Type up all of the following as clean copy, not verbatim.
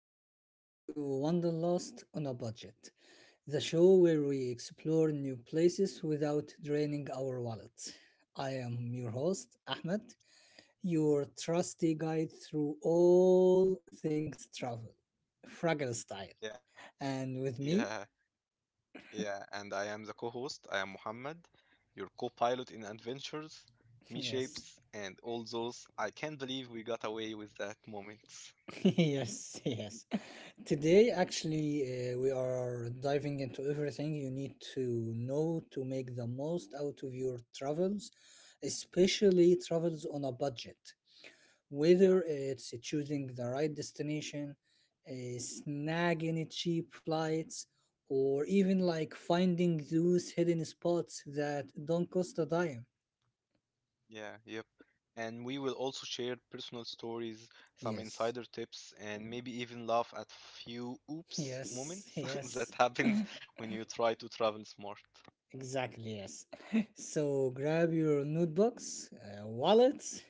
welcome back to Wanderlust on a Budget, the show where we explore new places without draining our wallets. I am your host, Ahmed, your trusty guide through all things travel, Fraggle style. Yeah, And with me, yeah, yeah. And I am the co-host. I am Muhammad, your co-pilot in adventures, me yes, shapes, and all those. I can't believe we got away with that moment. yes, yes, today, we are diving into everything you need to know to make the most out of your travels, especially travels on a budget. Whether Yeah, it's choosing the right destination, snagging cheap flights, or even like finding those hidden spots that don't cost a yeah, dime. yeah, yep. And we will also share personal stories, some Yes, insider tips, and maybe even laugh at few oops yes, moments that yes. happens when you try to travel smart. Exactly, yes. So grab your notebooks, wallets,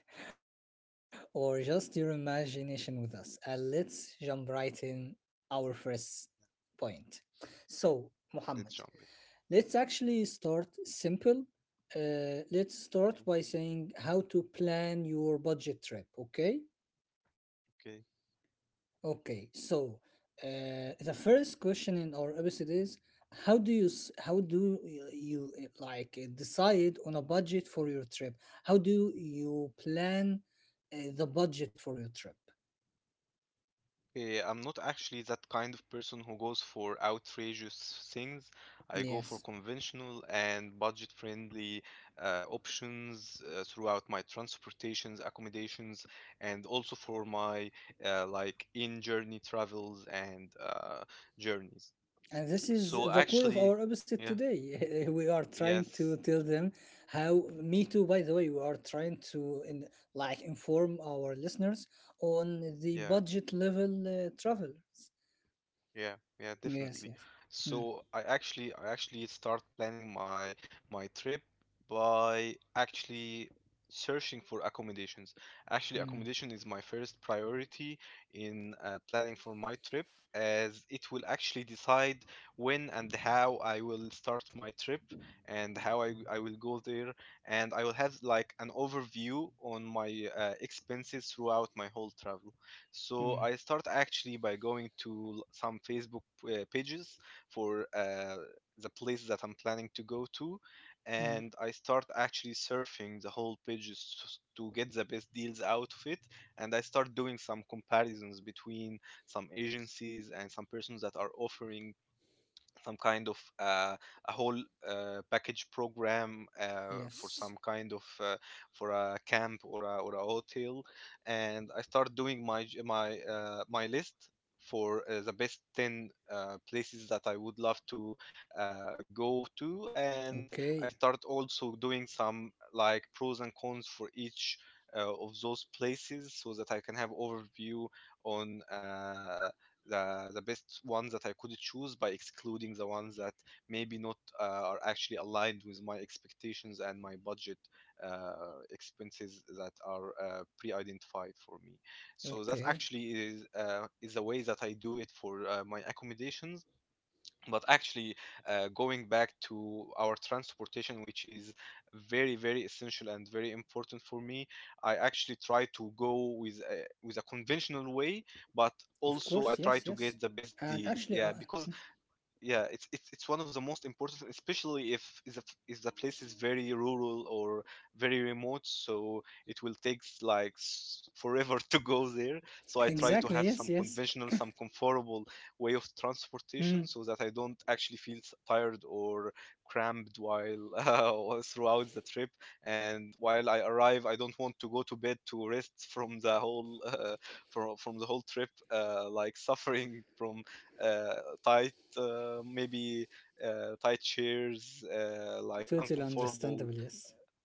or just your imagination with us. And let's jump right in our first point. So, Muhammad, Let's jump let's actually start simple. Let's start in. by saying how to plan your budget trip, okay? Okay, Okay, so the first question in our episode is how do you s- how do y- you like decide on a budget for your trip? How do you plan the budget for your trip? Okay, I'm not actually that kind of person who goes for outrageous things. I go Yes. for conventional and budget-friendly options throughout my transportations, accommodations, and also for my like in-journey travels and journeys. And this is So the core of actually, our episode yeah, today. We are trying to yes, tell them how me too, by the way. We are trying to like inform our listeners on the yeah. budget level travelers. Yeah, yeah, Yes, definitely. yes. Mm, So I actually start planning my trip by actually searching for accommodations. Actually, mm. accommodation is my first priority in planning for my trip, as it will actually decide when and how I will start my trip and how I will go there, and I will have like an overview on my expenses throughout my whole travel. So Mm, I start actually by going to some Facebook pages for the place that I'm planning to go to, mm, and I start actually surfing the whole pages to get the best deals out of it. And I start doing some comparisons between some agencies and some persons that are offering some kind of a whole package program for yes. some kind of for a camp or a hotel, and I start doing my j- my my list for the best 10 places that I would love to go to. And I Okay. start also doing some like pros and cons for each of those places so that I can have overview on the best ones that I could choose by excluding the ones that maybe not are actually aligned with my expectations and my budget uh, expenses that are pre-identified for me. So that Okay. actually is the way that I do it for my accommodations. But actually, going back to our transportation, which is very very essential and very important for me, I actually try to go with a, Of with a course. Yes. Yes. conventional way, but And also I try mm, to get the best deals, yeah, because yeah, it's one of the most important, especially if the place is very rural or very remote, so it will take like forever to go there. So I try to have exactly. some Yes. Yes. conventional, some comfortable way of transportation Mm, so that I don't actually feel tired or cramped while or throughout the trip, and while I arrive I don't want to go to bed to rest from the whole from the whole trip, like suffering from uh, tired, maybe tight chairs, totally like understandable. uncomfortable, Yes.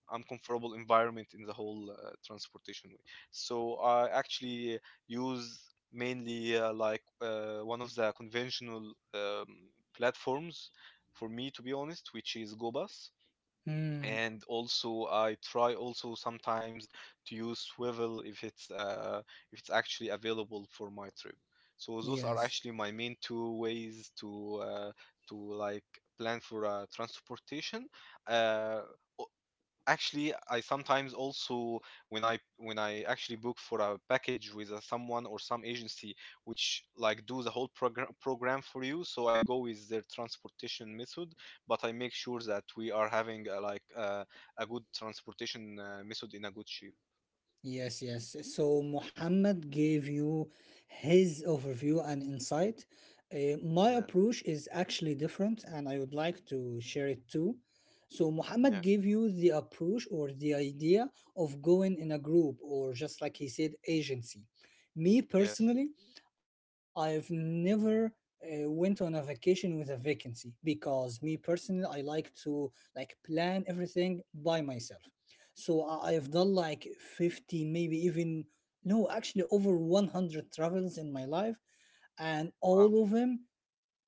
uncomfortable environment in the whole transportation way. So I actually use mainly one of the conventional platforms for me, to be honest, which is GoBus. Mm, And also I try also sometimes to use swivel if it's actually available for my trip. So those are yes. actually my main two ways to like plan for transportation. Uh, Actually I sometimes also when I actually book for a package with someone or some agency, which like do the whole program for you, so I go with their transportation method, but I make sure that we are having a good transportation method in a good shape. Yes, yes. So Muhammad gave you his overview and insight. My Yeah, approach is actually different, and I would like to share it too. So Muhammad yeah, gave you the approach or the idea of going in a group, or just like he said, agency. Me yes. personally, I've never went on a vacation with a vacancy because me personally, I like to like plan everything by myself. So I've done like 50, maybe even, no, actually over 100 travels in my life. And Wow. all of them,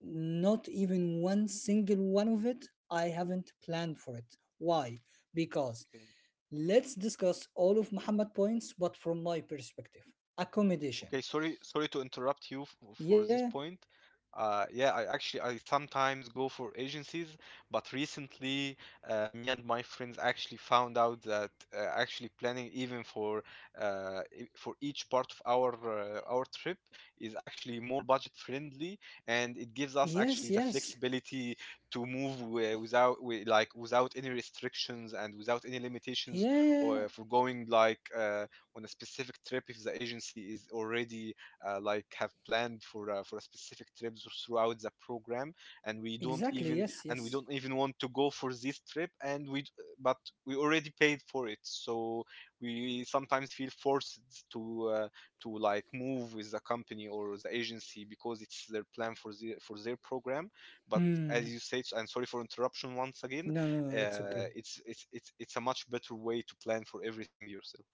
not even one single one of it, I haven't planned for it. Why? Because Okay. let's discuss all of Muhammad points, but from my perspective. Accommodation. Okay, sorry, sorry to interrupt you for Yeah, this point. Yeah, I actually I sometimes go for agencies, but recently, me and my friends actually found out that actually planning even for for each part of our trip is actually more budget friendly, and it yes, gives us yes. actually the flexibility to move wi- without wi- like without any restrictions and without any limitations, Yeah, or for going like. On a specific trip, if the agency is already like have planned for a specific trip throughout the program, and we don't exactly. even Yes, and yes. we don't even want to go for this trip, and we but we already paid for it, so we sometimes feel forced to uh, to like move with the company or the agency because it's their plan for the for their program. But Hmm. as you said, and sorry for interruption once again, No, no, no, it's okay. It's a much better way to plan for everything yourself.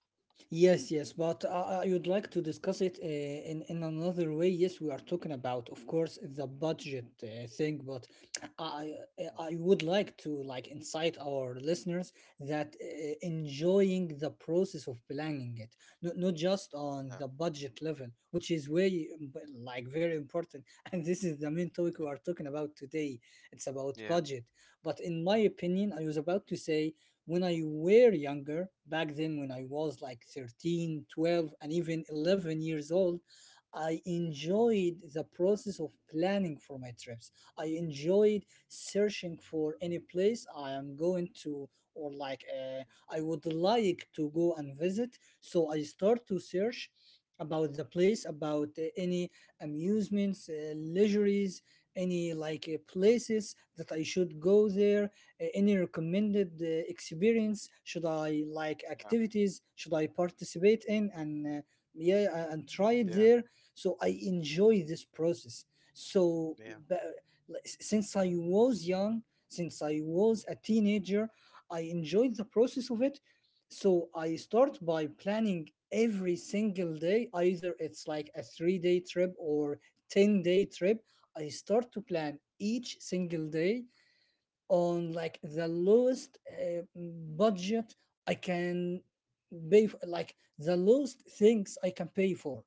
Yes, yes, but I would like to discuss it in another way. Yes, we are talking about, of course, the budget thing, but I I would like to like incite our listeners that enjoying the process of planning it, not just on Yeah. the budget level, which is way like very important. And this is the main Yeah, topic we are talking about today. It's about yeah, budget. But in my opinion, I was about to say when I were younger, back then when I was like 13, 12, and even 11 years old, I enjoyed the process of planning for my trips. I enjoyed searching for any place I am going to or like I would like to go and visit. So I start to search about the place, about any amusements, leisureries, any like places that I should go there, any recommended experience should I like, yeah, activities should I participate in and uh, yeah, and try yeah, it yeah, there, so I enjoy this process. So yeah, but, like, since I was young, since I was a teenager, I enjoyed the process of it. So I start by planning every single day, either it's like a 3-day trip or 10-day trip. I start to plan each single day on like the lowest budget I can pay for, like the lowest things I can pay for.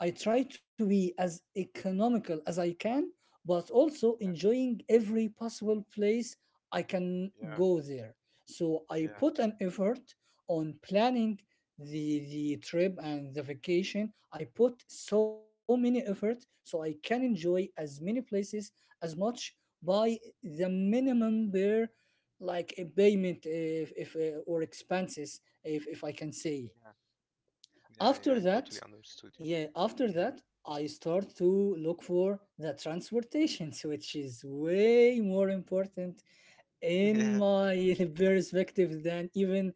I try to be as economical as I can, but also yeah, enjoying every possible place I can yeah, yeah, go there. So I yeah, put an effort on planning the trip and the vacation. I put so many effort so I can enjoy as many places as much by the minimum bare like a payment, if or expenses, if I can say. yeah. Yeah. I After totally that, understood yeah, you. Hmm. after that, I start to look for the transportations, which is way more important Yeah, in my perspective than even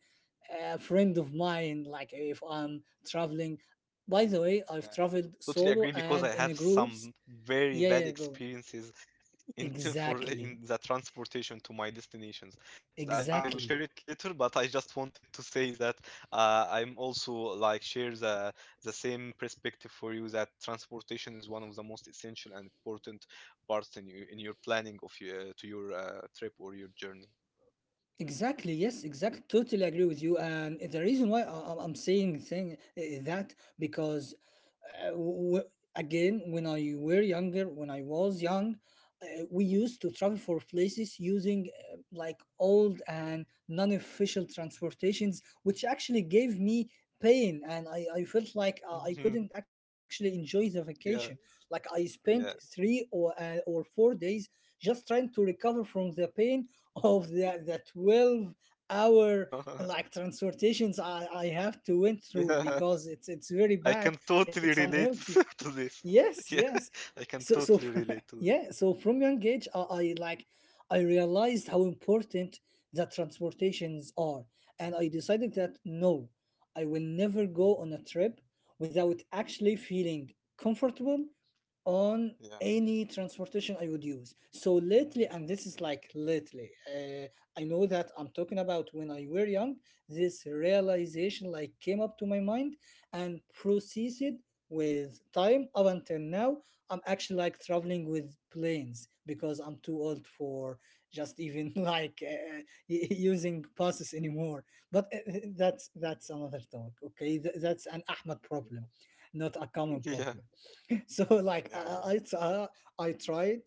a friend of mine. Like if I'm traveling, by the way, I've yeah. traveled Totally solo agree because and I have in groups. some very Yeah, bad yeah, go experiences in for exactly, in the transportation to my destinations. So I will share exactly. it later, but I just wanted to say that I'm also like share the same perspective for you, that transportation is one of the most essential and important parts in your planning of your trip or your journey. Exactly. Yes. Exactly. Totally agree with you. And the reason why I'm saying thing that because uh, w- again, when I were younger, when I was young, we used to travel for places using like old and non-official transportations, which actually gave me pain, and I felt like I couldn't Mhm. actually enjoy the vacation. Like Yeah, I spent three yeah, or 4 days just trying to recover from the pain of the 12-hour like transportations I have to went through yeah. because it's very I bad. can It, totally it's relate unhealthy, to this. yes, Yeah, yes. I can so so totally relate to this. yeah, so from young age, I realized how important that transportations are, and I decided that no, I will never go on a trip without actually feeling comfortable on Yeah, any transportation I would use. So lately, and this is like lately, I know that I'm talking about when I were young. This realization like came up to my mind and processed with time. Up until now I'm actually like traveling with planes because I'm too old for just even like using buses anymore. But that's another talk, okay. That's an Ahmed yeah, problem, not a common yeah, problem. So like yeah. Yeah. I tried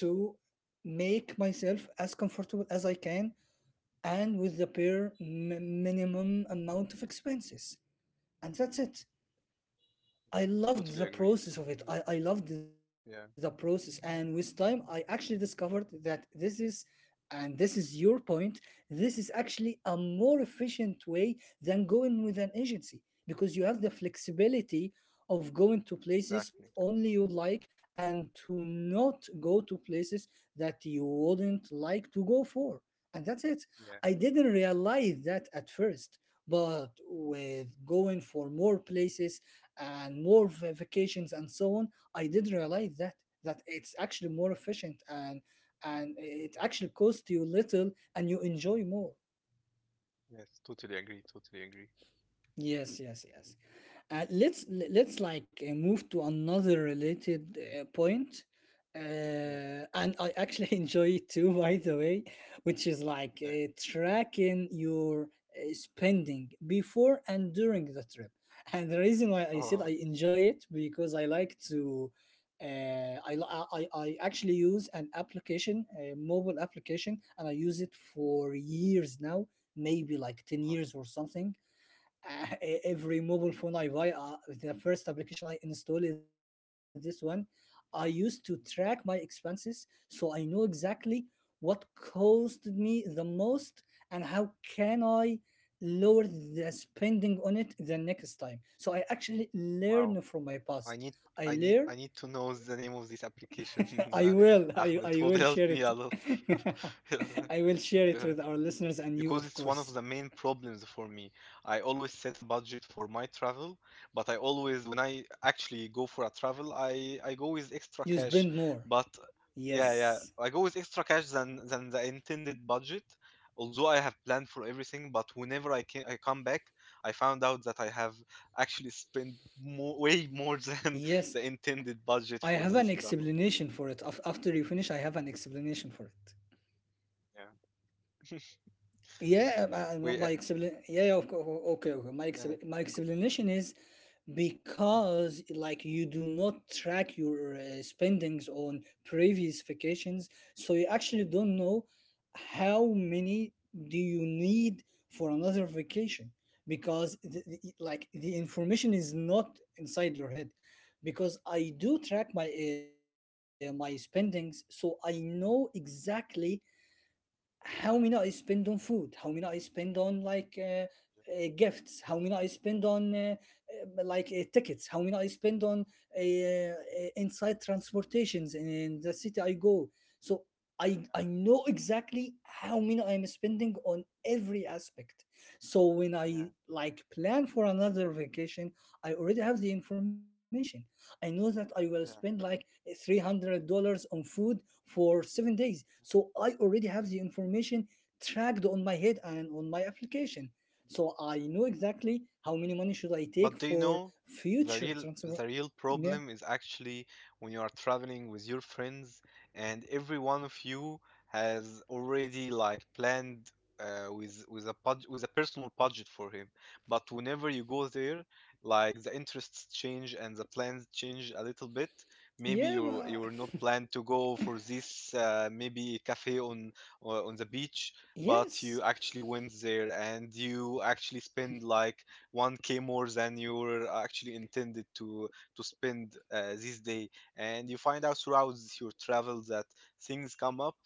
to make myself as comfortable as I can and with the bare minimum amount of expenses, and that's it. I loved Totally the agree. process of Totally it. agree. I loved the process. Yeah, And with time, I actually discovered that and this is your point, this is actually a more efficient way than going with an agency because you have the flexibility of going to places exactly. only you like and to not go to places that you wouldn't like to go for. And that's it. Yeah, I didn't realize that at first, but with going for more places, and more vacations and so on, I did realize that it's actually more efficient, and it actually costs you little and you enjoy more. yes, totally agree. Totally agree. Yes, yes, yes. Let's le- Let's like move to another related point, Yeah, and I actually enjoy it too, by the way, which is yeah. like tracking your spending before and during the trip. And the reason why I Oh, said I enjoy it because I like to. I, li- I actually use an application, a mobile application, and I use it for years now, maybe like ten wow. years or something. Every mobile phone I buy, the first application I install is this one. I used to track my expenses so I know exactly what cost me the most and how can I lower the spending on it the next time. So I actually Wow. learn from my I past. need, I learn. I need to know the name of this application, uh, I will. Ahmed. It I would will help share me it. a lot. I will share it with our listeners and you, Because of it's one of course. the main problems for me. I always set a budget for my travel, but I always, when I actually go for a travel, I You go with spend extra more. cash. But Yes. yeah, yeah, I go with extra cash than the intended budget. Although I have planned for everything, but whenever I can, I come back, I found out that I have actually spent more, way more than Yes, the intended budget I for have an this travel. explanation for it. After you finish, I have an explanation for it. Yeah, Yeah, we, my explanation. Yeah, yeah, of course. Okay, okay. My ex. yeah, My explanation is because like you do not track your spendings on previous vacations, so you actually don't know how many do you need for another vacation because like the information is not inside your head. Because I do track my my spendings, so I know exactly how many I spend on food, how many I spend on like gifts, how many I spend on like tickets, how many I spend on uh, uh, inside transportations in the city I go. So I know exactly how many I'm spending on every aspect. So when yeah, I like plan for another vacation, I already have the information. I know that I will spend yeah, like $300 on food for 7 days. So I already have the information tracked on my head and on my application. So I know yeah. exactly how many money should I take But do you for know, the future real transfer. the real Yeah, problem is actually when you are traveling with your friends, and every one of you has already like planned, with a budget, with a personal budget for him. But whenever you go there, like the interests change and the plans change a little bit. Maybe yeah, you were not planned to go for this, maybe cafe on on the beach, but you yes. actually went there and you actually spend like 1K more than you are actually intended to spend this day. And you find out throughout your travel that things come up,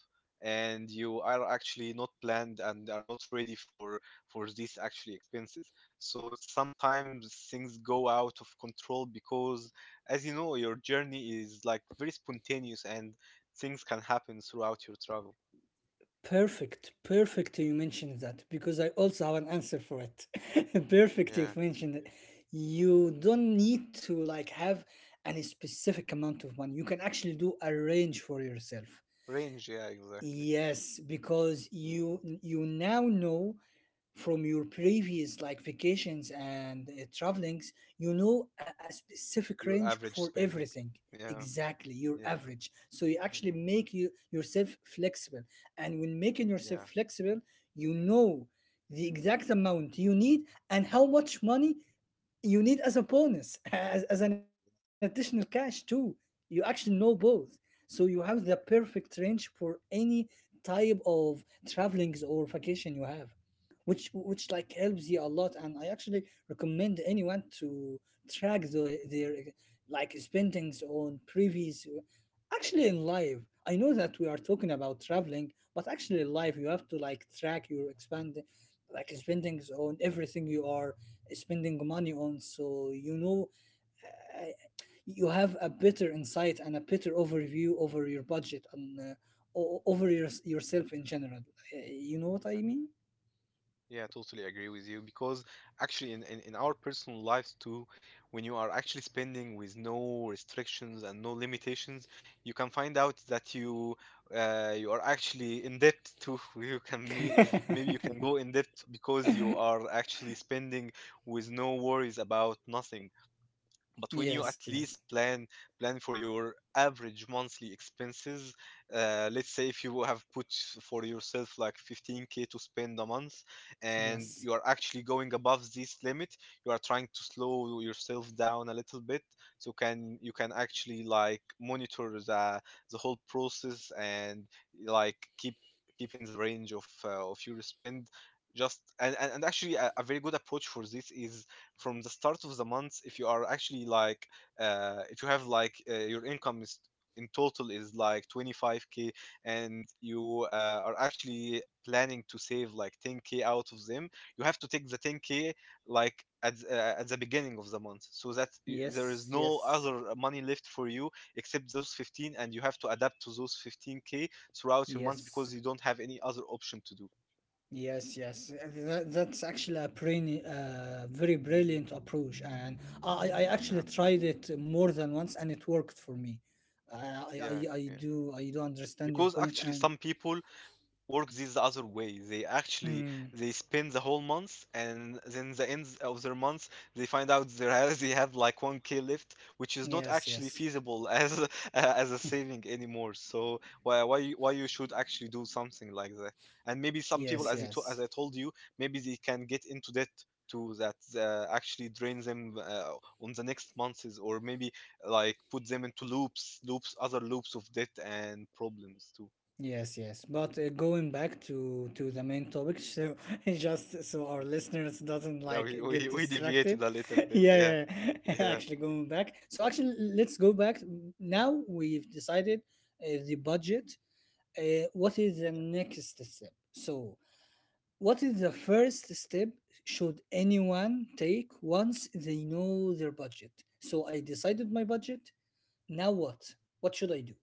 and you are actually not planned and are not ready for these actually expenses. So sometimes things go out of control because, as you know, your journey is like very spontaneous, and things can happen throughout your travel. Perfect, perfect. You mentioned that because I also have an answer for it. Perfect. Yeah, You've mentioned it. You don't need to like have any specific amount of money. You can actually do a range for yourself. range, yeah, exactly. Yes, because you now know from your previous like vacations and travelings, you know a specific Your range average for spending. everything. Yeah, Exactly, your yeah, average. So you actually make you yourself flexible. And when making yourself yeah, flexible, you know the exact amount you need and how much money you need as a bonus, as an additional cash too. You actually know both, yeah. so you have the perfect range for any type of travelings or vacation you have, which like helps you a lot. And I actually recommend anyone to track their like spendings on previous, actually in life. I know that we are talking about traveling, but actually in life you have to like track your Yeah, expand, like spendings on everything you are spending money on, so you know you have a better insight and a better overview over your budget and over yourself in general. You know what yeah, I mean? yeah, totally agree with you, because actually in our personal lives too, when you are actually spending with no restrictions and no limitations, you can find out that you are actually in debt too. You can may- maybe you can go in debt because you are actually spending with no worries about nothing. But when you at Yes, least yes, plan for your average monthly expenses, let's say if you have put for yourself like 15K to spend a month, and yes, you are actually going above this limit, you are trying to slow yourself down a little bit, so can you can actually like monitor the whole process, and like keep in the range of your spend. Just, and actually a very good approach for this is from the start of the month. If you are actually like if you have like your income is in total is like 25K, and you are actually planning to save like 10K out of them, you have to take the 10K like at, at the beginning of the month so that there yes, is no yes, other money left for you except those 15, and you have to adapt to those 15K throughout your months yes. because you don't have any other option to do. Yes, yes. That's actually a very brilliant approach, and I actually Yeah, tried it more than once, and it worked for me. I, I yeah. I Yeah, do, I do understand your because point, actually and some people work this the other way. They actually hmm, they spend the whole month, and then the end of their month they find out they have like 1K left, which is not yes, actually yes, feasible as a, as a saving anymore. So why you should actually do something like that. And maybe some yes, people, as you yes. to, as I told you, maybe they can get into debt to that, actually drain them on the next months, or maybe like put them into loops loops other loops of debt and problems too. Yes, yes. But going back to the main topic, so just so our listeners doesn't Yeah, like we, get we, we distracted. deviated a little bit. Yeah, Yeah. yeah, yeah. Yeah. Actually, going back. So actually, let's go back. Now we've decided the budget. What is the next step? So, what is the first step should anyone take once they know their budget? So I decided my budget. Now what? What should I do?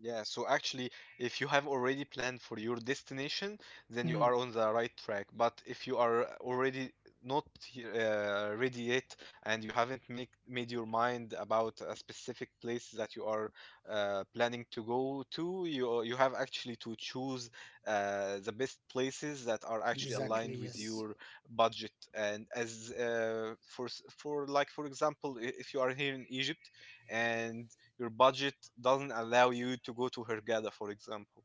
Yeah, so actually, if you have already planned for your destination, then you are Mm, on the right track. But if you are already not ready yet and you haven't make made your mind about a specific place that you are planning to go to, you have actually to choose the best places that are actually aligned exactly. with your Yes. budget. And as for for like for example, if you are here in Egypt and your budget doesn't allow you to go to Hurghada, for example.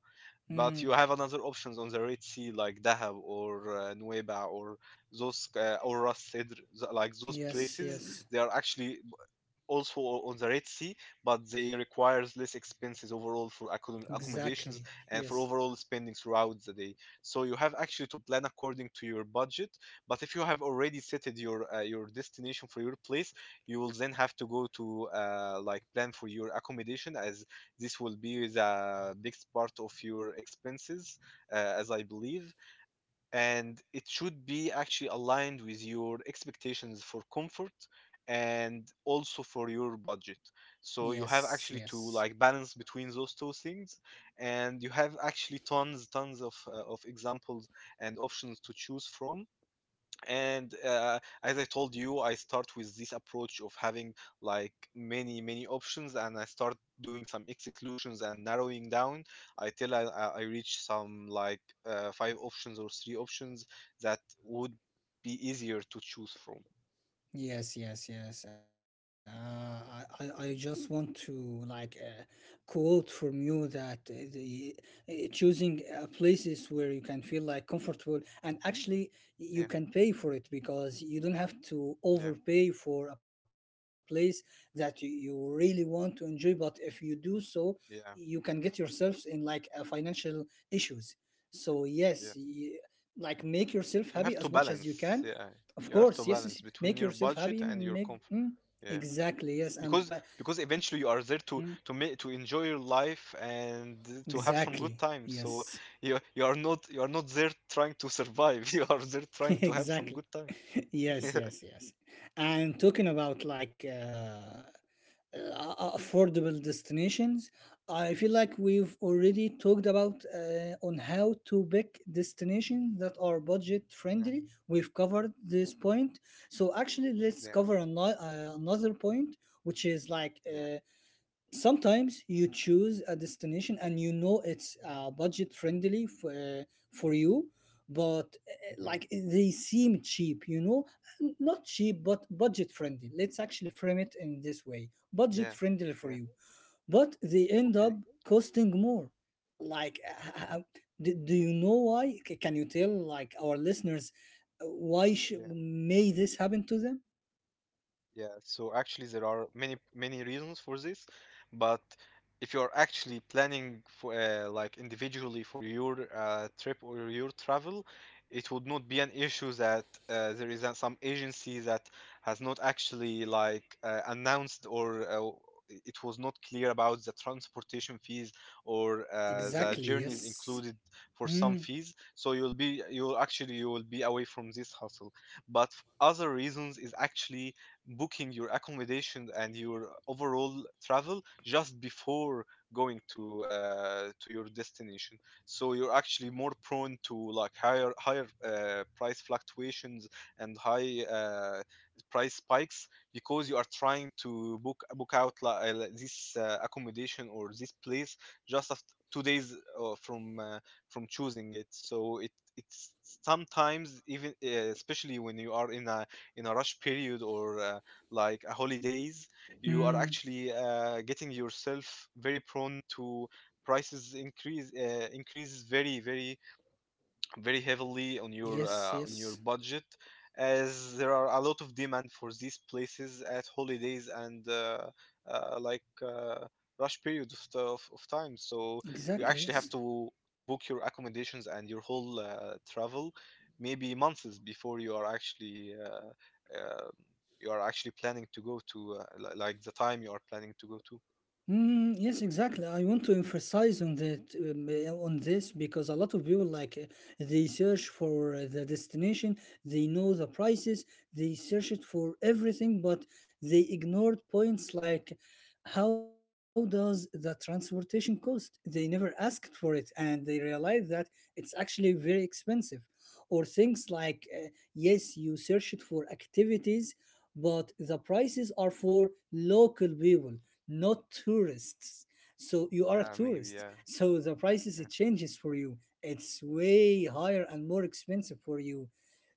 But you Hmm. have another options on the Red Sea, like Dahab or Nuweiba or those or Ras Sidr, like those places. Yes, They are yes, actually also on the Red Sea, but they requires less expenses overall for accommodations exactly. and for Yes, overall spending throughout the day. So you have actually to plan according to your budget. But if you have already set your destination for your place, you will then have to go to like plan for your accommodation as this will be the biggest part of your expenses, as I believe and it should be actually aligned with your expectations for comfort and also for your budget, so you have actually to yes, like balance yes. between those two things. And you have actually tons of examples and options to choose from. And as I told you, I start with this approach of having like many options and I start doing some exclusions and narrowing down I till I reach some like five options or three options that would be easier to choose from. Yes, yes, yes. I just want to like quote from you that the choosing places where you can feel like comfortable, and actually you Yeah, can pay for it, because you don't have to yeah, overpay for a place that you really want to enjoy. But if you do so, you can get yeah. yourselves in like financial issues. So yes, Yeah, yeah. like make yourself happy as You much have as to you can. balance. Yeah, Of you course, have yes, to yes, balance make between yourself your happy. budget and Make your comfort. mm, Yeah, exactly yes, because because mm, eventually you are there to make to enjoy your life and to exactly have some good time. yes, So you are not, you are not there trying to survive. you are there trying to have exactly some good time. yes, yeah. yes, yes. And talking about like affordable destinations, I feel like we've already talked about on how to pick destinations that are budget Yeah. friendly. We've covered this Yeah. point, so actually let's Yeah. cover another point, which is like. Yeah. Sometimes you choose a destination and you know it's budget friendly for you, but Hmm. They seem cheap, you know, not cheap but budget friendly. Let's actually frame it in this way: budget Yeah. friendly for Yeah. you, but they end Okay. up costing more, like uh, Hmm. do you know why? C- can you tell like our listeners why Yeah. may this happen to them? Yeah, so actually there are many reasons for this, but if you are actually planning for like individually for your trip or your travel, it would not be an issue that there is some agency that has not actually like announced or it was not clear about the transportation fees or the Exactly, journeys yes. included for some Mm, fees. So you'll actually you will be away from this hustle. But other reasons is actually booking your accommodation and your overall travel just before going to your destination, so you're actually more prone to like higher price fluctuations and high price spikes because you are trying to book out this accommodation or this place just after 2 days uh, from uh, from choosing it. So it, it's sometimes even especially when you are in a rush period or like a holidays, you are mm, actually getting yourself very prone to prices increase increases very very very heavily yes, on your yes. budget as there are a lot of demand for these places at holidays and uh, like uh, rush period of time. So you Exactly, actually yes. have to book your accommodations and your whole travel maybe months before you are actually planning to go to like the time you are planning to go to. Mm, yes, exactly. I want to emphasize on that on this, because a lot of people like they search for the destination, they know the prices, they search it for everything, but they ignored points like how does the transportation cost? They never asked for it, and they realized that it's actually very expensive. Or things like yes, you search it for activities, but the prices are for local people, not tourists. So you are a Yeah, maybe, tourist, yeah. so the prices Yeah. it changes for you. It's Yeah, way higher and more expensive for you.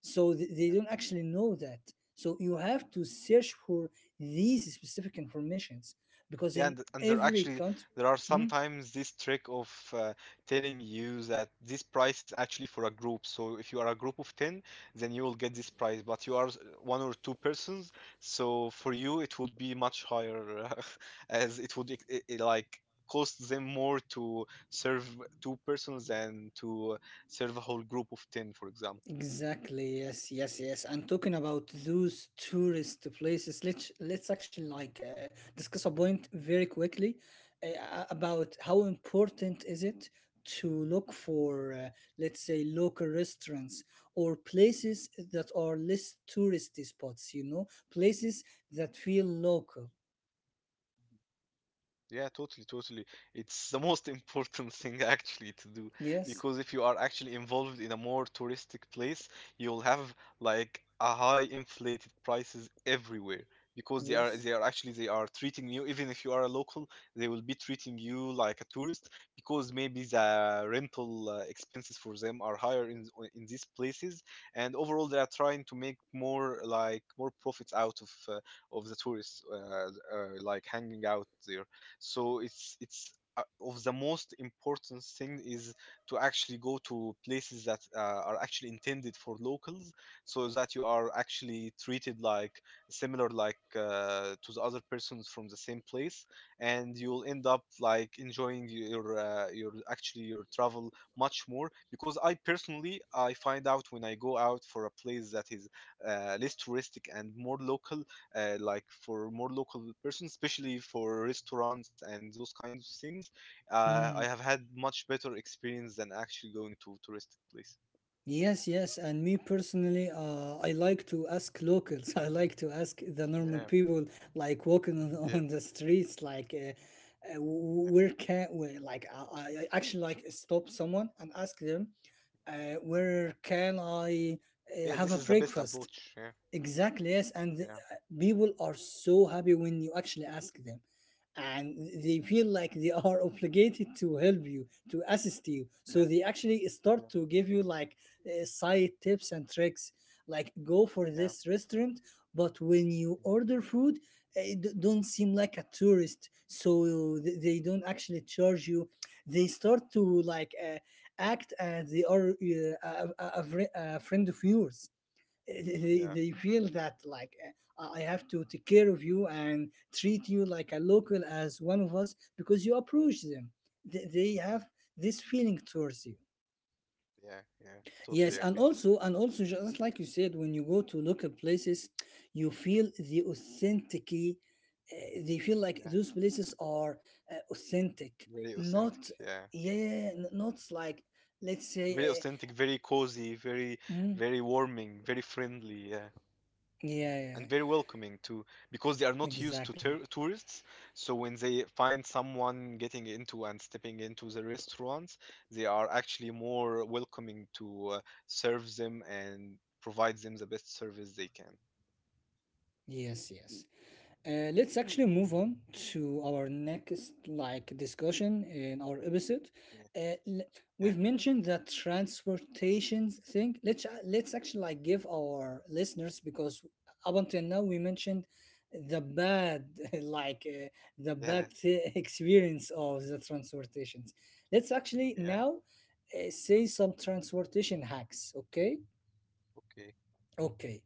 So yeah. they don't actually know that. So you have to search for these specific informations, because Yeah, in and there every actually country, there are hmm. sometimes this trick of uh, telling you that this price is actually for a group. So if you are a group of 10, then you will get this price, but you are one or two persons, so for you it would be much higher as it would I like cost them more to serve two persons than to serve a whole group of 10, for example. Exactly. Yes. Yes. Yes. And talking about those tourist places, let's actually like discuss a point very quickly about how important is it to look for, let's say, local restaurants or places that are less touristy spots. You know, places that feel local. Yeah, totally, totally. It's the most important thing actually to do Yes. because if you are actually involved in a more touristic place, you'll have like a high inflated prices everywhere because they are Yes. they are actually they are treating you even if you are a local, they will be treating you like a tourist because maybe the rental expenses for them are higher in these places and overall they are trying to make more like more profits out of the tourists like hanging out there. So it's of the most important thing is to actually go to places that are actually intended for locals so that you are actually treated like similar like to the other persons from the same place. And you'll end up like enjoying your actually your travel much more because I personally I find out when I go out for a place that is less touristic and more local, like for more local persons, especially for restaurants and those kinds of things. I Mm. have had much better experience than actually going to touristic place. Yes, yes, and me personally, I like to ask locals. I like to ask the Yeah, normal people, like walking yeah, on the streets, like yeah, where can we? Like I actually like stop someone and ask them, yeah. where can I Yeah, this have a is the best breakfast? approach. Yeah, Exactly, yes. And the, yeah, people are so happy when you actually ask them. And they feel like they are obligated to help you, to assist you. So yeah, they actually yeah, start to give you like side tips and tricks, like go for yeah, this restaurant, but when you yeah, order food, don't seem like a tourist. So they don't actually charge you. They start to like act as they are a friend of yours. they, yeah, they feel that like I have to take care of you and treat you like a local, as one of us, because you approach them. They have this feeling towards you. yeah, yeah. Yes, Totally and agree. also, and also just like you said, when you go to local places, you feel the authenticity. They feel like Yeah, those places are authentic, very not authentic. Yeah, yeah, not like let's very say authentic, very cozy, very, mm, very warming, very friendly. Yeah. yeah, yeah, And very welcoming to because they are not used to exactly. Tourists. So when they find someone getting into and stepping into the restaurants, they are actually more welcoming to serve them and provide them the best service they can. Yes, yes. Let's actually move on to our next like discussion in our episode. Yeah. Uh, l- we've Yeah. mentioned the transportation thing. Let's actually like give our listeners, because up until now we mentioned the bad like the Yeah. Experience of the transportations. Let's actually Yeah. now say some transportation hacks. Okay, Okay. okay.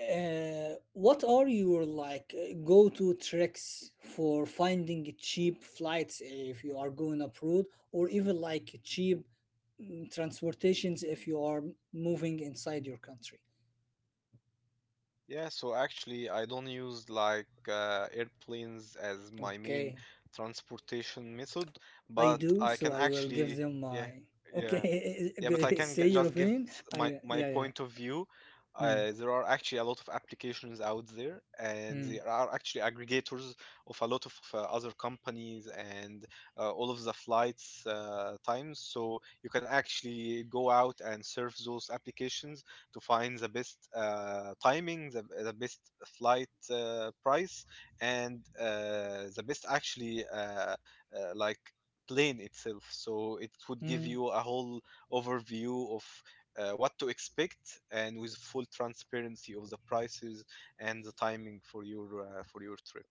What are your like go-to tricks for finding cheap flights if you are going abroad, or even like cheap mm, transportations if you are moving inside your country? Yeah, so actually, I don't use like airplanes as my main Okay, transportation method, I but do, I so can I will give actually, them yeah, my yeah, yeah, but I okay. can g Say just your give opinion. my my I yeah, point of yeah. view. There are Hmm, actually a lot of applications out there, and there are hmm, actually aggregators of a lot of other companies and all of the flights times. So you can actually go out and surf those applications to find the best timing, the best flight price, and the best actually like plane itself. So it would give you a hmm. whole overview of what to expect and with full transparency of the prices and the timing for your trip.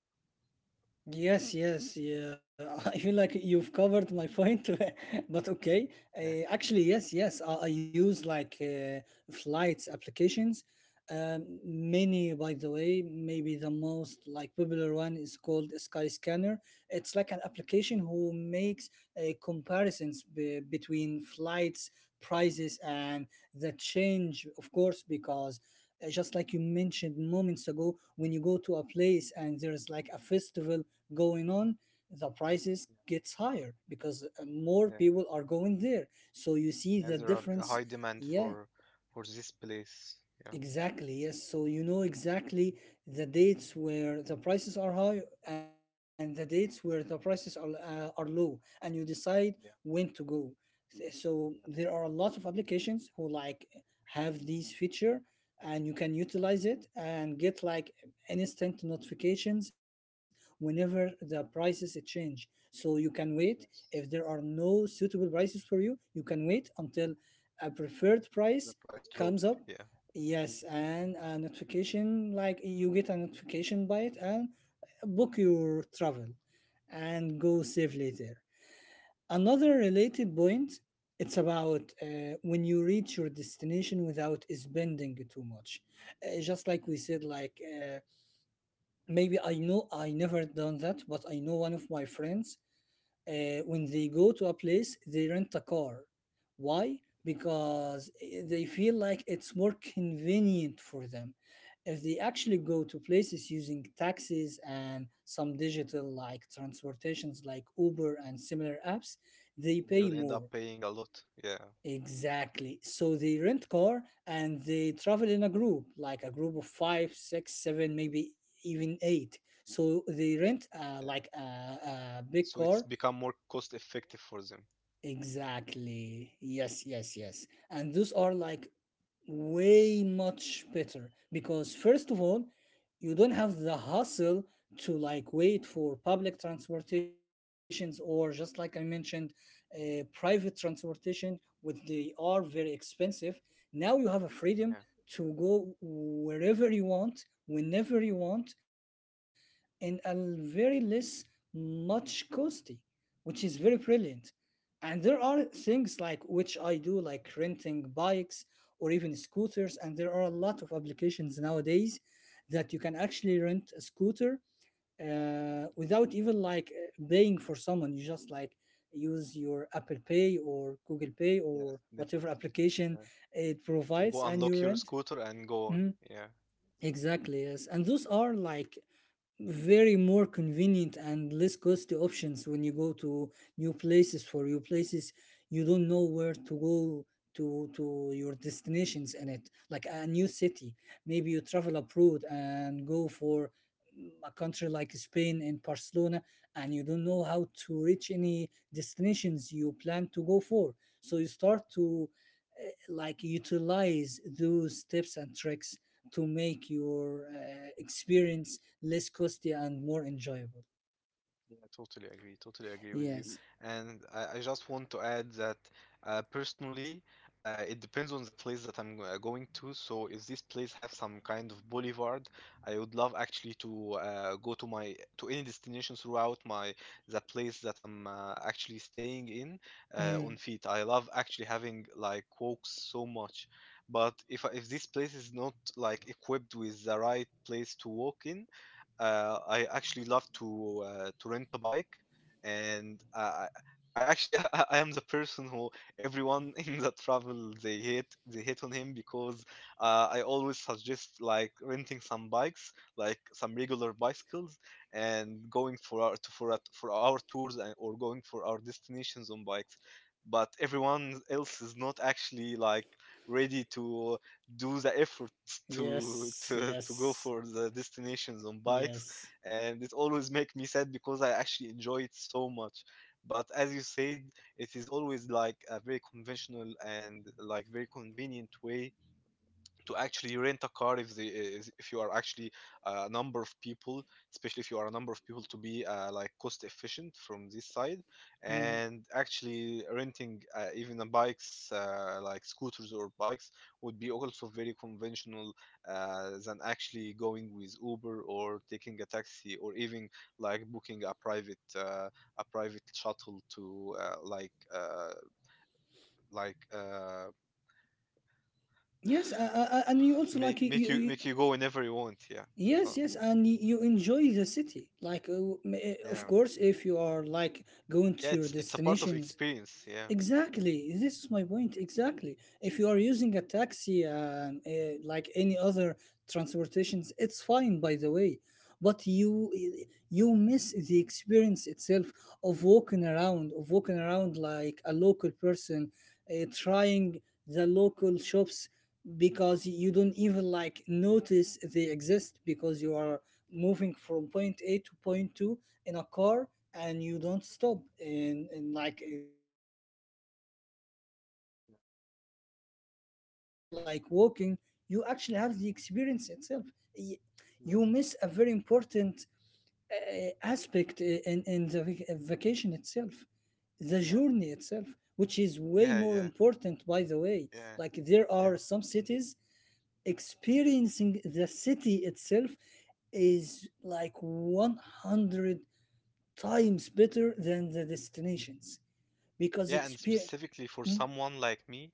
Yes, yes, yeah. I feel like you've covered my point, but okay. Yeah, Actually, yes, yes. I use like flights applications. Many, by the way, maybe the most like popular one is called Skyscanner. It's like an application who makes comparisons be between flights prices, and the change, of course, because just like you mentioned moments ago, when you go to a place and there's like a festival going on, the prices gets higher, because more yeah, people are going there, so you see yeah. the And there are a difference, high demand yeah. For this place. Yeah, Exactly, yes. So you know exactly the dates where the prices are high and the dates where the prices are low, and you decide when to yeah, go. So there are a lot yes, of applications who like have this feature, and you can yeah, utilize it and get like instant notifications whenever the prices change. So you can wait, if yeah, there are yes. no suitable prices for you, you can wait until a preferred price The price comes drop. up. Yeah, Yes, and a notification, like you get a notification by it, and book your travel and go yeah, save later. Another yeah. related point, it's about when you reach your destination without spending too much. Just like we said, like maybe I know I never done that, but I know one of my friends when they go to a place, they rent a car. Why? Because eh, they feel like it's more convenient for them. If they actually go to places using taxis and some digital like transportations like Uber and similar apps, they And pay they will end more. up paying a lot. Yeah, Exactly. So they rent car and they travel in a group, like a group of five, six, seven, maybe even eight. So they rent yeah. Like a, So a it's big become car. more cost effective for them. Exactly. Yes, yes, yes. And those are like way much better, because, first of all, you don't have the hustle to like wait for public transportations, or just like I mentioned, private transportation, which they are very expensive. Now you have a freedom Yeah, to yeah, go wherever you want, whenever you want, and a very less much costly, which is very brilliant. And there are things like which I do, like renting bikes or even scooters, and there are a lot of applications nowadays that you can actually rent a scooter without even like paying for someone. You just like use your Apple Pay or Google Pay or yes, whatever definitely. application Yeah. it And provides, go and you unlock your rent. scooter and go on. Mhm. Yeah. Exactly, yes. And those are like very more convenient and less costly options when you go to new places. For new places you don't know where to go to your destinations in, it like a new city, maybe you travel abroad and go for mm, a country like Spain and Barcelona, and you don't know how to reach any destinations you plan to go for. So you start to eh, like utilize those tips and tricks to make your experience less costly and more enjoyable. Yeah, totally agree. Totally agree with Yes. you. And I just want to add that personally, it depends on the place that I'm going to. So if this place have some kind of boulevard, I would love actually to go to my to any destination throughout my the place that I'm actually staying in Mm. on feet. I love actually having like walks so much. But if this place is not like equipped with the right place to walk in, I actually love to rent a bike, and I actually I am the person who everyone in the travel they hate on him because I always suggest like renting some bikes, like some regular bicycles, and going for our to, for our tours, or going for our destinations on bikes. But everyone else is not actually like ready to do the effort to Yes. Go Yes. for the destinations on bikes, Yes. and it always make me sad because I actually enjoy it so much. But as you said, it is always like a very conventional and like very convenient way to actually rent a car if they is- if you are actually a number of people, especially if you are a number of people, to be like cost efficient from this side. Mm. And actually renting even a bikes like scooters or bikes would be also very conventional than actually going with uber or taking a taxi or even like booking a private shuttle to like uh, Yes. And you also like you. make make you make you go whenever you want. Yeah. Yes, Uh, yes, and you enjoy the city. Like, yeah. of course, if you are like going Yeah, to your it's a part of destinations. experience. Yeah. Exactly. This is my point. Exactly. If you are using a taxi and like any other transportations, it's fine, by the way. But you miss the experience itself of walking around like a local person, trying the local shops because you don't even like notice they exist because you are moving from point A to point two in a car, and you don't stop in like the road. But when you go on a scooter and bike and yeah, even like walking, you actually have the experience itself. Y- you Yeah. Yes. miss a very important aspect in the vacation itself, the Yeah. journey itself, which is way more Yeah. Yeah. important, by the way. Like, Yeah. there are Yeah. some cities, experiencing the city itself is like 100 times better than the destinations, because Yeah, and experience. specifically for someone like me,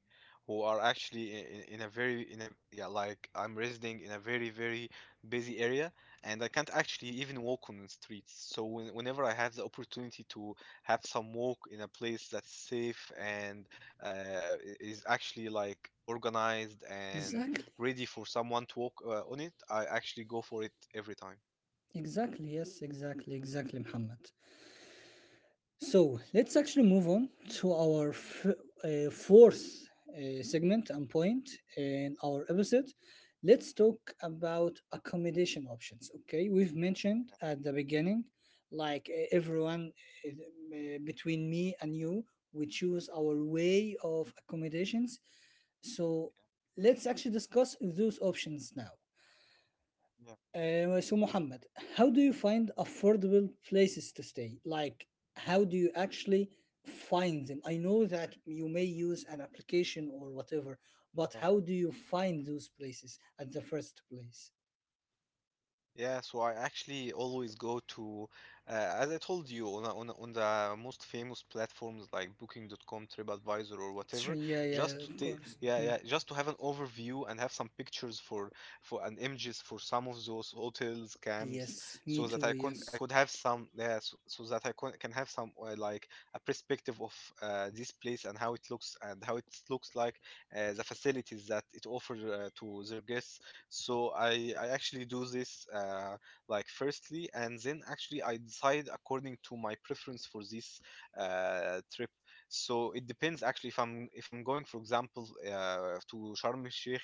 who are actually in a very in a yeah like I'm residing in a very very busy area, and I can't actually even walk on the streets. So when, whenever I have the opportunity to have some walk in a place that's safe and is actually like organized and Exactly, ready for someone to walk on it, I actually go for it every time. exactly, yes, exactly, exactly, Muhammad. So let's actually move on to our fourth segment and point in our episode. Let's talk about accommodation options. Okay, we've mentioned Yeah, at the beginning, like, everyone, between me and you, we choose our way of accommodations. So let's actually discuss those options now. yeah, yeah. So Mohammed, how do you find affordable places to stay? Like, how do you actually find them? I know that you may use an application or whatever, Yeah. but how do you find those places at the first place? Yeah, so I actually always go to, uh, as I told you, on the most famous platforms like Booking. Dot Com, TripAdvisor, or Tr- whatever, yeah, yeah, just to of take, course. yeah, Mm. yeah, just to have an overview and have some pictures for and images for some of those hotels, camps, Yes, me so that too. I could I Yes. could have some, yeah, so that I can have some like a perspective of this place and how it looks and how it looks like, the facilities that it offers to their guests. So I actually do this like firstly, and then actually I decide according to my preference for this trip. So it depends actually, if I'm going, for example, to Sharm El Sheikh,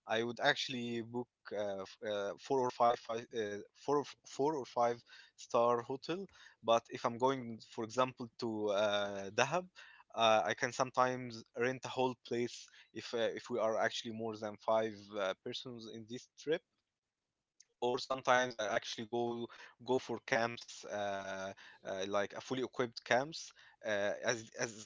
I would actually book f- four or five, five four, or f- four or five-star hotel. But if I'm going, for example, to Dahab, I can sometimes rent a whole place if we are actually more than five persons in this trip. Or sometimes I actually go for camps, like a fully equipped camps, as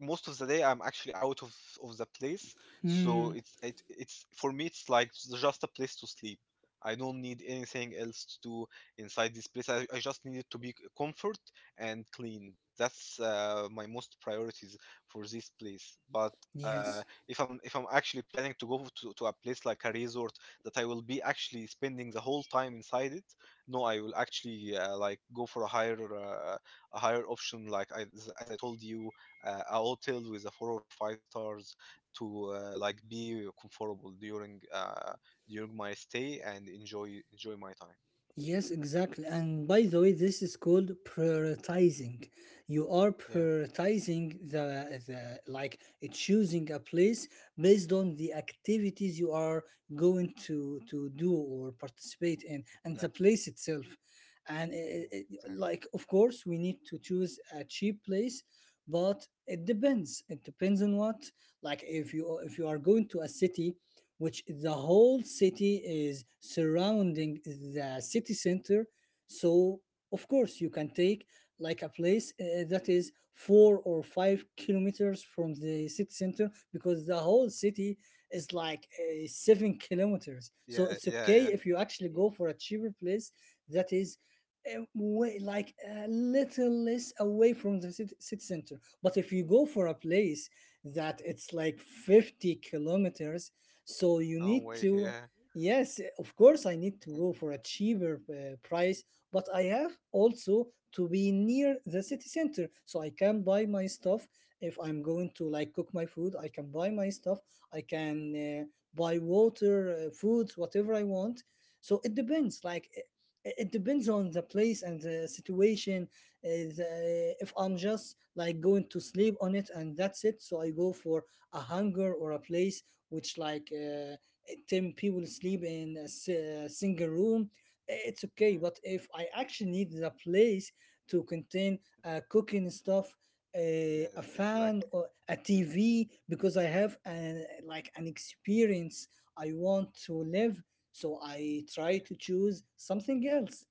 most of the day I'm actually out of the place, Hmm. so it's for me it's like just a place to sleep. I don't need anything else to do inside this place. I just need it to be comfort and clean. That's my most priorities for this place. But uh, Yes. if I'm actually planning to go to a place like a resort that I will be actually spending the whole time inside it, no, I will actually like go for a higher a higher option, like I, as I told you, a hotel with a four or five stars to like be comfortable during during my stay and enjoy my time. Yes, exactly. And by the way, this is called prioritizing. You are Yeah, prioritizing the like choosing a place based on the activities you are going to do or participate in, and the exactly. place itself. And Yeah, exactly. like, of course, we need to choose a cheap place, but it depends. It depends on what. Like, if you are going to a city which the whole city is surrounding the city center. So, of course, you can take like a place that is 4 or 5 kilometers from the city center, because the whole city is like 7 kilometers. So, it's Yeah, yeah, okay yeah. if you actually go for a cheaper place that is way, like a little less away from the city center. But if you go for a place that it's like 50 kilometers, so you No need way. to, Yeah. yes, of course, I need to go for a cheaper price, but I have also to be near the city center so I can buy my stuff. If I'm going to like cook my food, I can buy my stuff. I can buy water, foods, whatever I want. So it depends. Like, it depends on the place and the situation. If I'm just like going to sleep on it and that's it, so I go for a hunger or a place which like 10 people sleep in a, single room. It's Yeah. okay, but if I actually need a place to contain cooking stuff, a Yes, fan exactly. or a tv, because I have Yeah. an like an experience I want to live, so I Yeah. try to choose something else.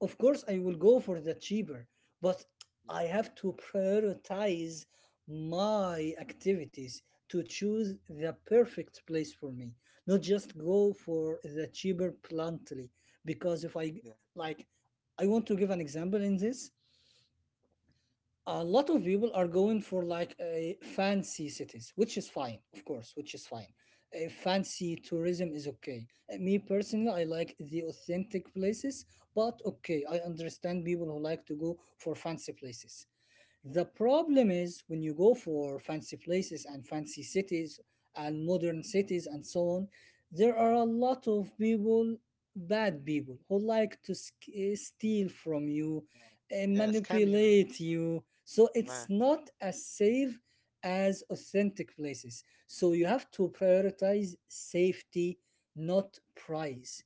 Of course, I will go for the cheaper, but Yeah. I have to prioritize my activities to choose the perfect place for me, not just go for the cheaper bluntly. Because if I Yeah. like, I want to give an example in this. A lot of people are going for like a fancy cities, which is fine, of course, which is fine. A fancy tourism is okay. Me personally, I like the authentic places, but okay, I understand people who like to go for fancy places. The problem is when you go for fancy places and fancy cities and modern cities and so on, there are a lot of people, bad people, who like to steal from you Yeah. Yeah. Yeah, and scam you. Yeah. manipulate you. So Yeah. it's not as safe as authentic places. So you have to Yeah. prioritize safety, not price.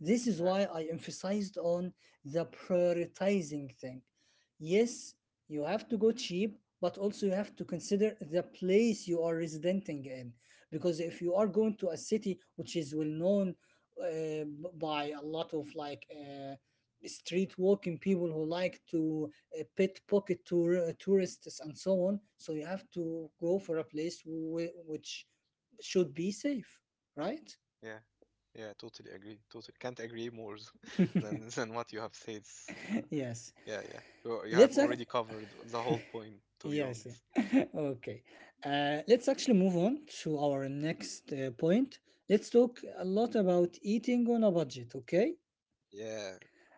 This is Yeah. why I emphasized on the prioritizing thing. Yes, you have to go cheap, but also you have to consider the place you are residenting in. Because if you are going to a city which is well known uh, by a lot of like street walking people who like to pickpocket tourists and so Yeah. on, so you have to go for a place which should be safe, right? Yeah, yeah, yeah, totally agree. Totally. Can't agree more than what you have said. Yes. Yeah, yeah. You have Let's ac- already covered the whole point, to be yes, honest. yeah. Okay. Let's actually move on to our next point. Let's talk a lot about eating on a budget, okay? Yeah,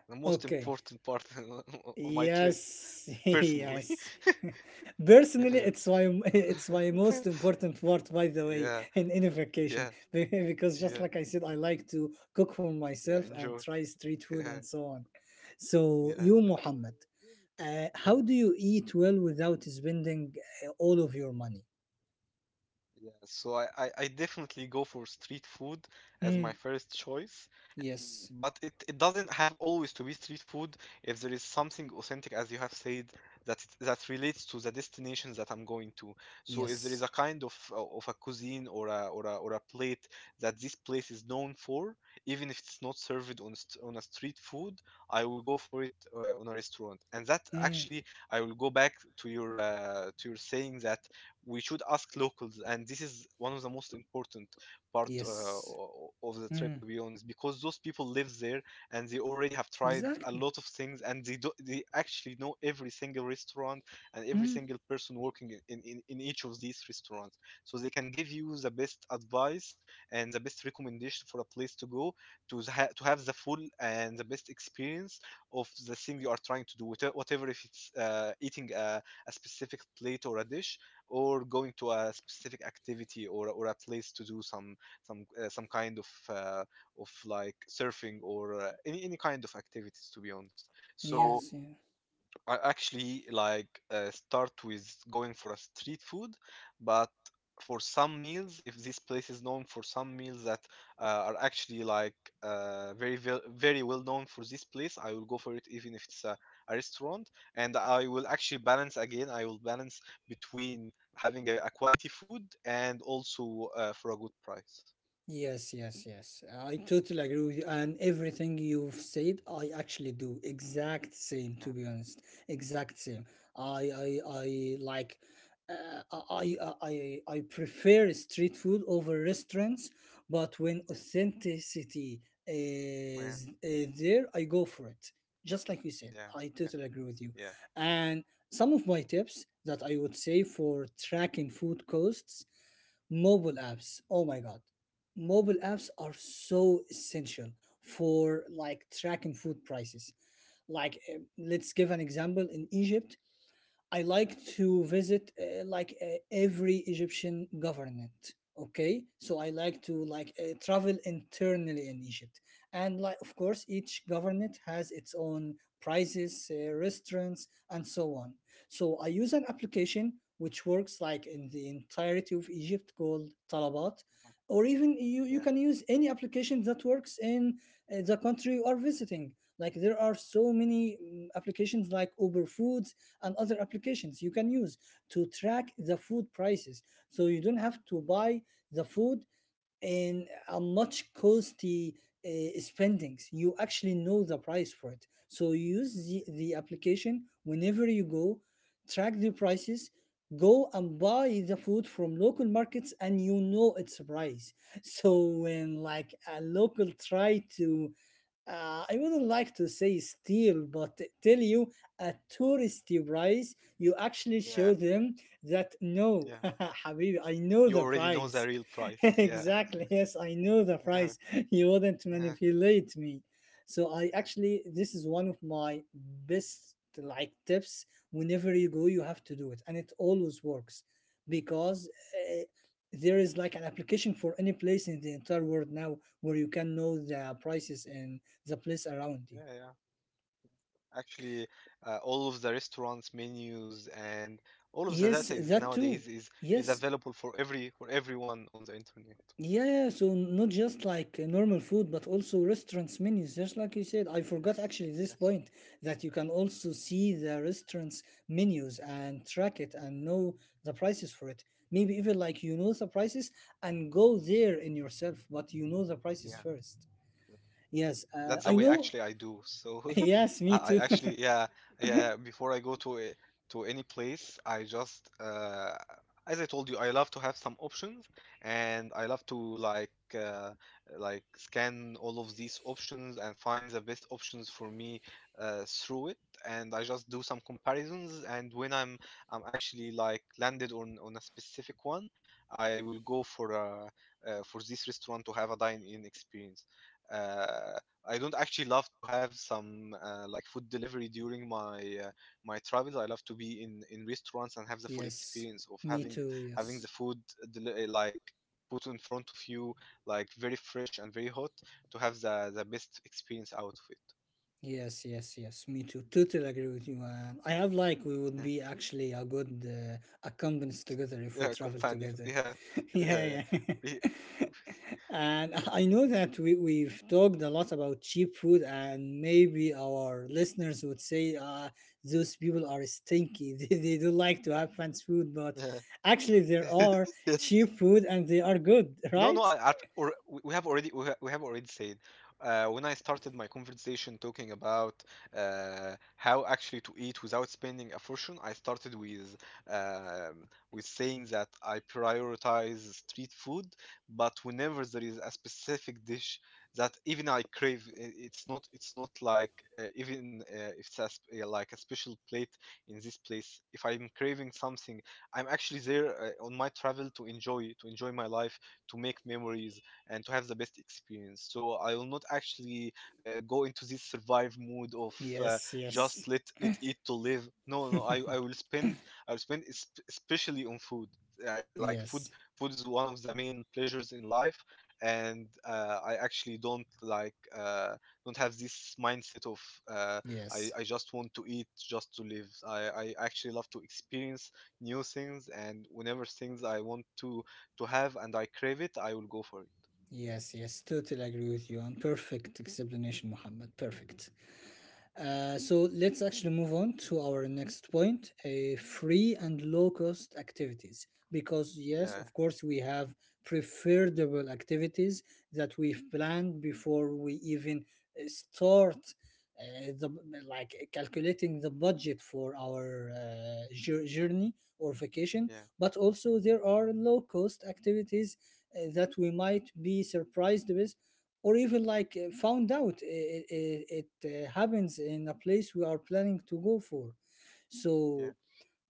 the most Okay. important part on my trip, Yes, personally. yes. Personally, yeah. it's why it's my most important part, by the way, yeah, in any yeah, vacation. Because yeah, just like I said, I like to cook for yeah. myself and Enjoy. try street food Yeah, and so on. So yeah, you, Mohammed, yeah, how do you eat well without spending all of your money? yeah. So I definitely go for street food as my Hmm. first choice. Yes. But it doesn't have always to be street food if there is something authentic, as you have said, that relates to the destinations that I'm going to. So if there is a Yes. kind of a cuisine or a or a, or a plate that this place is known for, even if it's not served on on a street food, I will go for it on a restaurant. And that Mm. actually, I will go back to your to your saying that we should ask locals, and this is one of the most important part Yes. of the trip, to Mm. be honest, because those people live there and they already have tried a Exactly. lot of things, and they actually know every single restaurant and every Mm. single person working in each of these restaurants, so they can give you the best advice and the best recommendation for a place to go to have the full and the best experience of the thing you are trying to do, whatever if it's eating a specific plate or a dish, or going to a specific activity, or a place to do some some kind of like surfing or any kind of activities, to be honest. So Yes. Yeah. I actually like start with going for a street food, but for some meals, if this place is known for some meals that are actually like very well known for this place, I will go for it even if it's a restaurant, and I will actually balance again. I will balance between having a quality food and also for a good price. Yes, yes, yes. I totally agree with you. And everything you've said, I actually do exact same, to be honest. Exact Yeah, same. I like, I prefer street food over restaurants, but when yeah, authenticity yeah, is there, I go for it. Just like you yeah, said, I yeah, totally agree with yeah, you. And some of my tips that I would say for tracking food costs. Mobile apps. Oh my God. Mobile apps are so essential for like tracking food prices. Like, eh, let's give an example in Egypt. I like to visit like every Egyptian government. Okay, so I like to like travel internally in Egypt, and like of course each government has its own prices, restaurants, and so on. So I use an application which works like in the entirety of Egypt called Talabat, uh-huh, or even you yeah, you can use any application that works in the country you are visiting. Like there are so many mm, applications like Uber Foods and other applications you can use to track the food prices, so you don't have yeah, to buy the food and how much costly spendings. You actually know the price for it. So use yeah, the application whenever you go, track the prices, go and buy the food from local markets, and you know its price. So when like a local try to I wouldn't like to say steal, but tell you a touristy price, you yeah, actually yeah. show them that no, Yeah. Habibi, I know You the already know the price. real price. Yeah. Exactly. Yes, I know the price. You wouldn't Yeah, yeah, manipulate me. So I yeah, actually, this is one of my best like tips. Whenever you go, you have to do it, and it always works, because there is like an application for any place in the entire world now where you can know the prices in the place around you. yeah. Yeah. Actually, all of the restaurants' menus and all of the data Yes, is that nowadays too. Is Yes. available for everyone on the internet. Yeah, yeah, so not just like normal food, but also restaurants menus. Just like you said, I forgot Yes, actually this yes, point, that you can also see the restaurants menus and track it and know the prices for it. Maybe even like you know the prices and go there in yourself, but you know the yeah, prices first. yeah. Yes, That's the I way know. actually I do. So Yes, me too. Yeah, yeah. Yeah, before I go to any place, I just, as I told you, I love to have some options, and I love to like scan all of these options and find the best options for me through it. And I just do some comparisons. And when I'm actually like landed on a specific one, I will go for a for this restaurant to have a dine-in experience. Uh, I don't actually love to have some like food delivery during my my travels. I love to be in restaurants and have the full Yes, experience of me too. having Yes. the food like put in front of you like very fresh and very hot to have the best experience out of it. Yes, yes, yes. Me too. Totally agree with you. And I have like we would Yeah, be actually a good accomplice together if we yeah, travel companions. together. Yeah, yeah, yeah. Yeah, yeah. We- And I know that we we've talked a lot about cheap food, and maybe our listeners would say, those people are stinky. They don't like to have fancy food, but yeah. actually there are cheap food and they are good, No, no, right? I, I've, or, we have already we ha- we have already said when I started my conversation talking about how actually to eat without spending a fortune. I started with saying that I prioritize street food, but whenever there is a specific dish that even I crave, it's not like even if it's like a special plate in this place. If I'm craving something, I'm actually there on my travel to enjoy my life, to make memories, and to have the best experience. So I will not actually go into this survive mood of uh, Yes, just yes, let let eat to live. No, I will spend, especially on food. I like food. yes, Food is one of the main pleasures in life, and I actually don't like, uh, don't have this mindset of uh, yes. I just want to eat just to live. I actually love to experience new things, and whenever things I want to have and I crave it, I will go for it. Yes, yes, totally agree with you. And perfect explanation, Muhammad. Perfect. So let's actually move on to our next point, free and low cost activities. Because, yes, Yeah, of course, we have preferable activities that we've planned before we even start. The Like calculating the budget for our journey or vacation, yeah, but also there are low cost activities that we might be surprised with, or even like found out it happens in a place we are planning to go for. So yeah.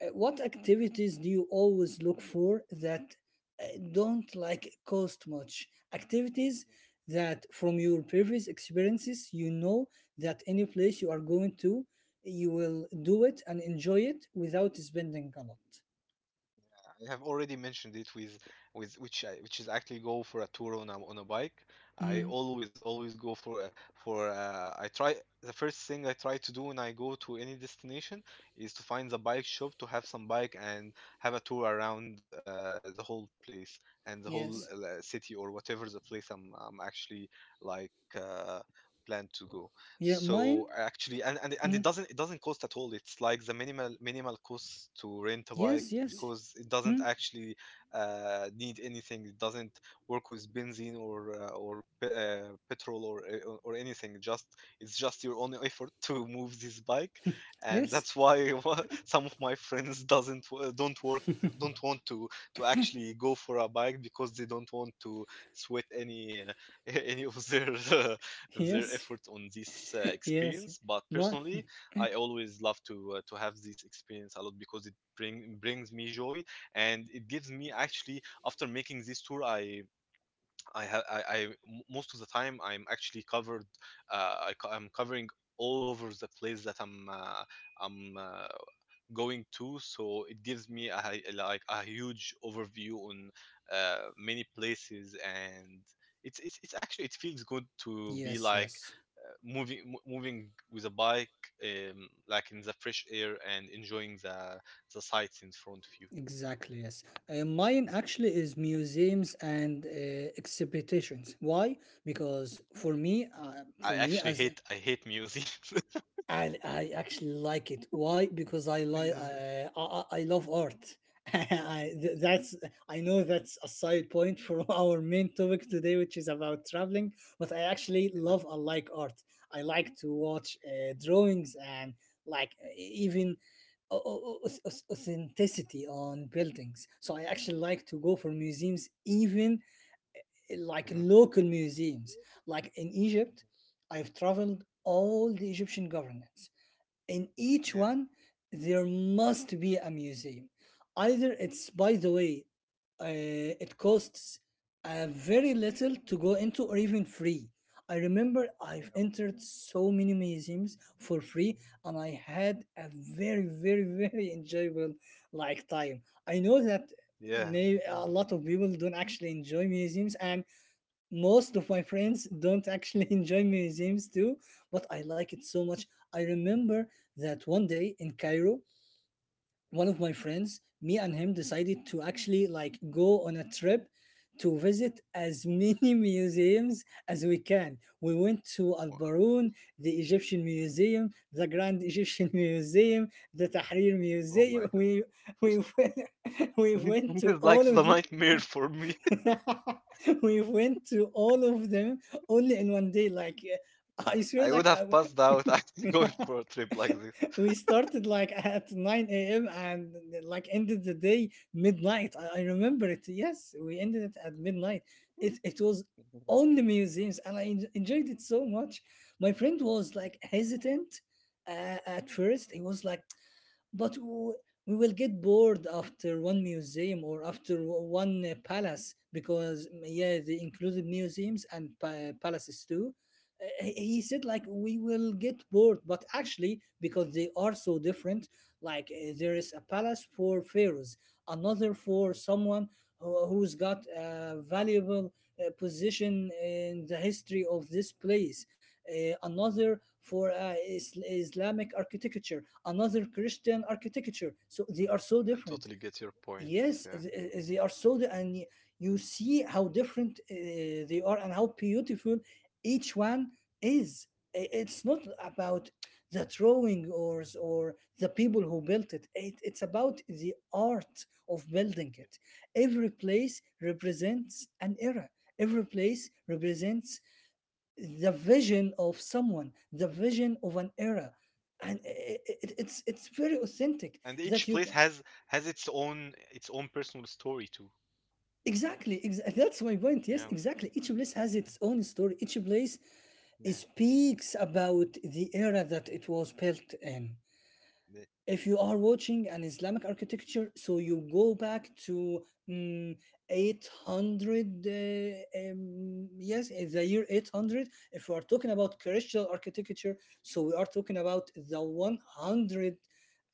what activities do you always look for that uh, don't like cost much, activities that from your previous experiences you know that any place you are going to you will do it and enjoy it without spending a lot. I have already mentioned it with which which is actually go for a tour on a bike. I Mm. always always go for a, I try, the first thing I try to do when I go to any destination is to find the bike shop to have some bike and have a tour around the whole place and the whole Yes. City or whatever the place I'm actually like uh, plan to go. Yeah, So mine. actually, and it Mm. doesn't cost at all. It's like the minimal minimal cost to rent a bike Yes, yes. because it doesn't Mm. actually need anything. It doesn't work with benzene or petrol or anything. It just, it's just your own effort to move this bike, and Yes. that's why some of my friends doesn't w- don't work, don't want to actually go for a bike because they don't want to sweat any any of their their Yes. effort on this Yes, experience. But my. personally, I always love to have this experience a lot because it bring brings me joy, and it gives me, actually after making this tour, I I most of the time I'm actually covered. I'm covering all over the place that I'm going to, so it gives me like a huge overview on many places, and it's actually, it feels good to be Yes, like yes, moving with a bike, like in the fresh air and enjoying the sights in front of you. exactly. Yes, mine actually is museums and exhibitions. Why? Because for I me actually as. Hate museums. And I actually like it. Why? Because I like yeah. I I love art. That's, I know that's a side point for our main topic today, which is about traveling. But I actually Yeah. love I like art. I like to watch drawings and like even authenticity on buildings. So I actually like to go for museums, even like Yeah. Mhm. local museums. Like in Egypt, I've traveled all the Egyptian governments. In each Yeah. one there must be a museum, either it's, by the way, it costs very little to go into or even free. I remember Yeah. I've entered so many museums for free, and I had a very, very, very enjoyable like time. I know that Yeah. may a Mm. lot of people don't actually enjoy museums, and most of my friends don't actually enjoy museums too, but I like it so much. I remember that one day in Cairo, one of my friends, me and him, decided to actually like go on a trip to visit as many museums as we can. We went to Al Wow. Baroun, the Egyptian Yeah. Museum, the Grand Egyptian Museum, the Tahrir Oh my Museum. god. We went, we went this to is like all the of the, nightmare for me. we went to all of them only in 1 day. Like I swear, I would like have w- passed out actually going for a trip like this. we started like at nine a.m. and like ended the day midnight. I remember it. Yes, we ended it at midnight. It was only museums, and I enjoyed it so much. My friend was like hesitant at first. He was like, but we will get bored after one museum or after one palace because, yeah, they included museums and palaces too. He said, like, we will get bored, but actually, because they are so different, like, there is a palace for pharaohs, another for someone who's got a valuable position in the history of this place, Yeah, another for Islamic architecture, another Christian architecture. So they are so I different. totally get your point. Yes, Yeah. They are so, and you see how different they are and how beautiful each one is. It's not about the drawing or or the people who built it. It's about the art of building it. Yeah. Every place represents an era. Every place represents the vision of someone, the vision of an era, and it, it's very authentic And that each you place can. has its own personal story too. Exactly, that's my point. Yes, Yeah. exactly. Each place has its own story. Each place Yeah. speaks about the era that it was built in. Yeah. If you are watching an Islamic architecture, so you go back to mm, 800, yes, in the year 800. If we are talking about Christian architecture, so we are talking about the 100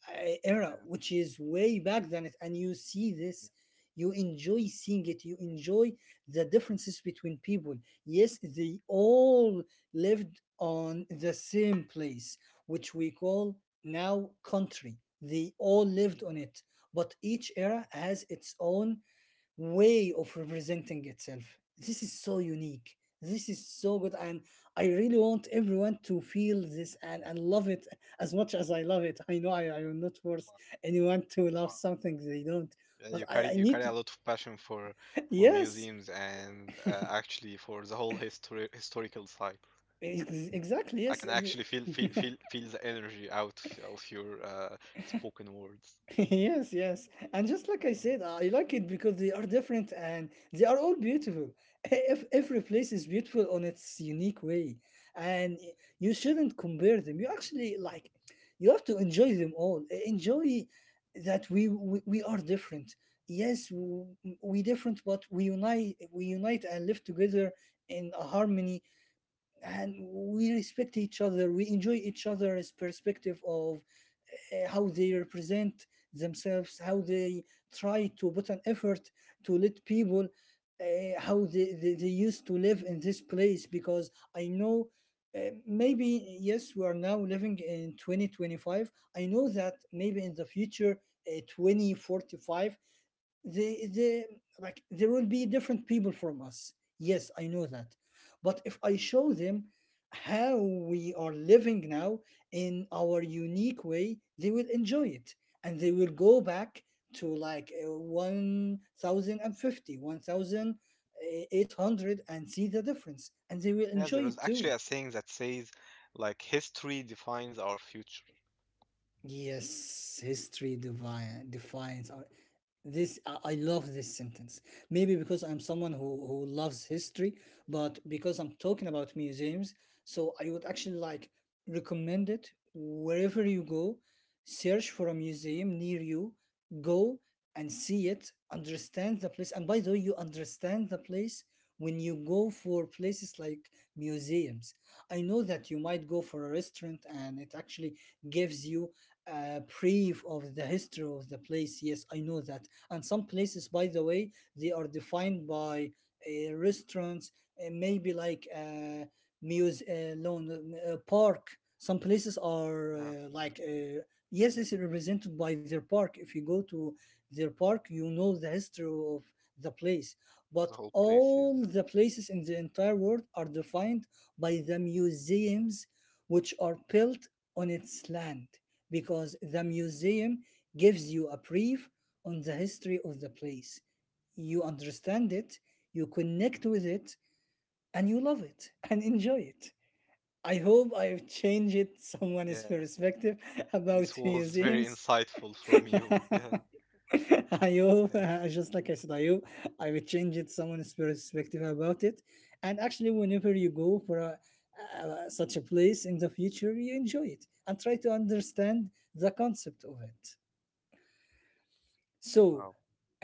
era, Yeah. which is way back than it. And you see Yeah. this, you enjoy seeing it, you enjoy the differences between people. Yes, they all lived on the same place which we call now country. They all lived on Yeah. it, but each era has its own way of representing itself. This is so unique. This is so good, and I really want everyone to feel this and love it as much as I love it. I know I will not force anyone to love Wow. something they don't, Yeah, but you I, carry I you carry need, a to. lot of passion for yes, museums and actually for the whole historical side. Exactly, I yes. can actually feel the energy out of your spoken words. yes, yes. And just like I said, Mm-hmm. I like it because they are different and they are all beautiful. If every place is beautiful on its unique way, and you shouldn't compare them. You actually like, you have to enjoy them all. Enjoy that we are different. Yes, we different, but we unite. We unite and live together in a harmony, and we respect each other. We enjoy each other's perspective of how they represent themselves, how they try to put an effort to let people how they used to live in this place, because I know maybe yes we are now living in 2025. I know that maybe in the future 2045, they like there will be different people from us. Yes, I know that. But if I show them how we are living now in our unique way, they will enjoy it, and they will go back to like 1050 and see the difference, and they will Yeah, enjoy there is it actually too. a saying that says, like, history defines our future. Yes, history divine, defines our. This I love this sentence. Maybe because I'm someone who loves history, but because I'm talking about museums, so I would actually like recommend it wherever you go. Search for a museum near you, go and see it, understand the place. And by the way, you understand the place when you go for places like museums. I know that you might go for a restaurant and it actually gives you brief of the history of the place. Yes, I know that. And some places, by the way, they are defined by restaurants, maybe like lawn, park. Some places are Yeah, yes, it's represented by their park. If you go to their park, you know the history of the place. the But whole place, yeah. all the places in the entire world are defined by the museums which are built on its land, because the museum gives you a brief on the history of the place. You understand it, you connect with it, and you love it and enjoy it. I hope I've changed it Yeah, someone's perspective this about was very museums. insightful from you. Yeah, I hope, yeah. Just like I said, I hope I will change it someone's perspective about it. And actually, whenever you go for a such a place in the future, you enjoy it and try to understand the concept of it. So, Wow.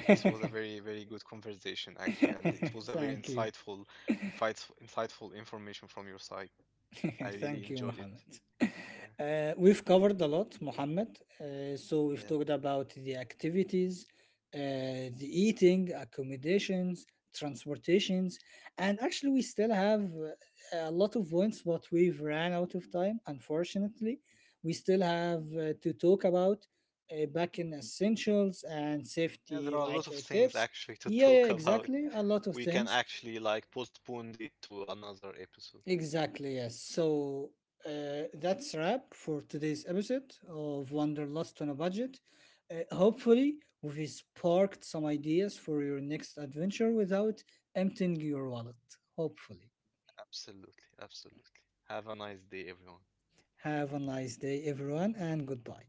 This was a very, very good conversation, actually, and it was a very thank you. insightful, insightful information from your side. I really Thank you, enjoyed it. Mohammed. Yeah, We've covered a lot, Mohammed. So, we've yeah. talked about the activities, uh, the eating, accommodations, transportations, and actually, we still have a lot of points, but we've ran out of time, unfortunately. We still have to talk about back in essentials and Yeah, there safety, are a like lot of things tips. actually to Yeah, yeah, talk about. exactly. A lot of We can things. actually like postpone it to another episode. Exactly, yes. So that's wrap for today's episode of Wanderlust on a Budget. Hopefully, we've sparked some ideas for your next adventure without emptying your wallet. Hopefully. Absolutely, absolutely. Have a nice day, everyone. Have a nice day, everyone, and goodbye.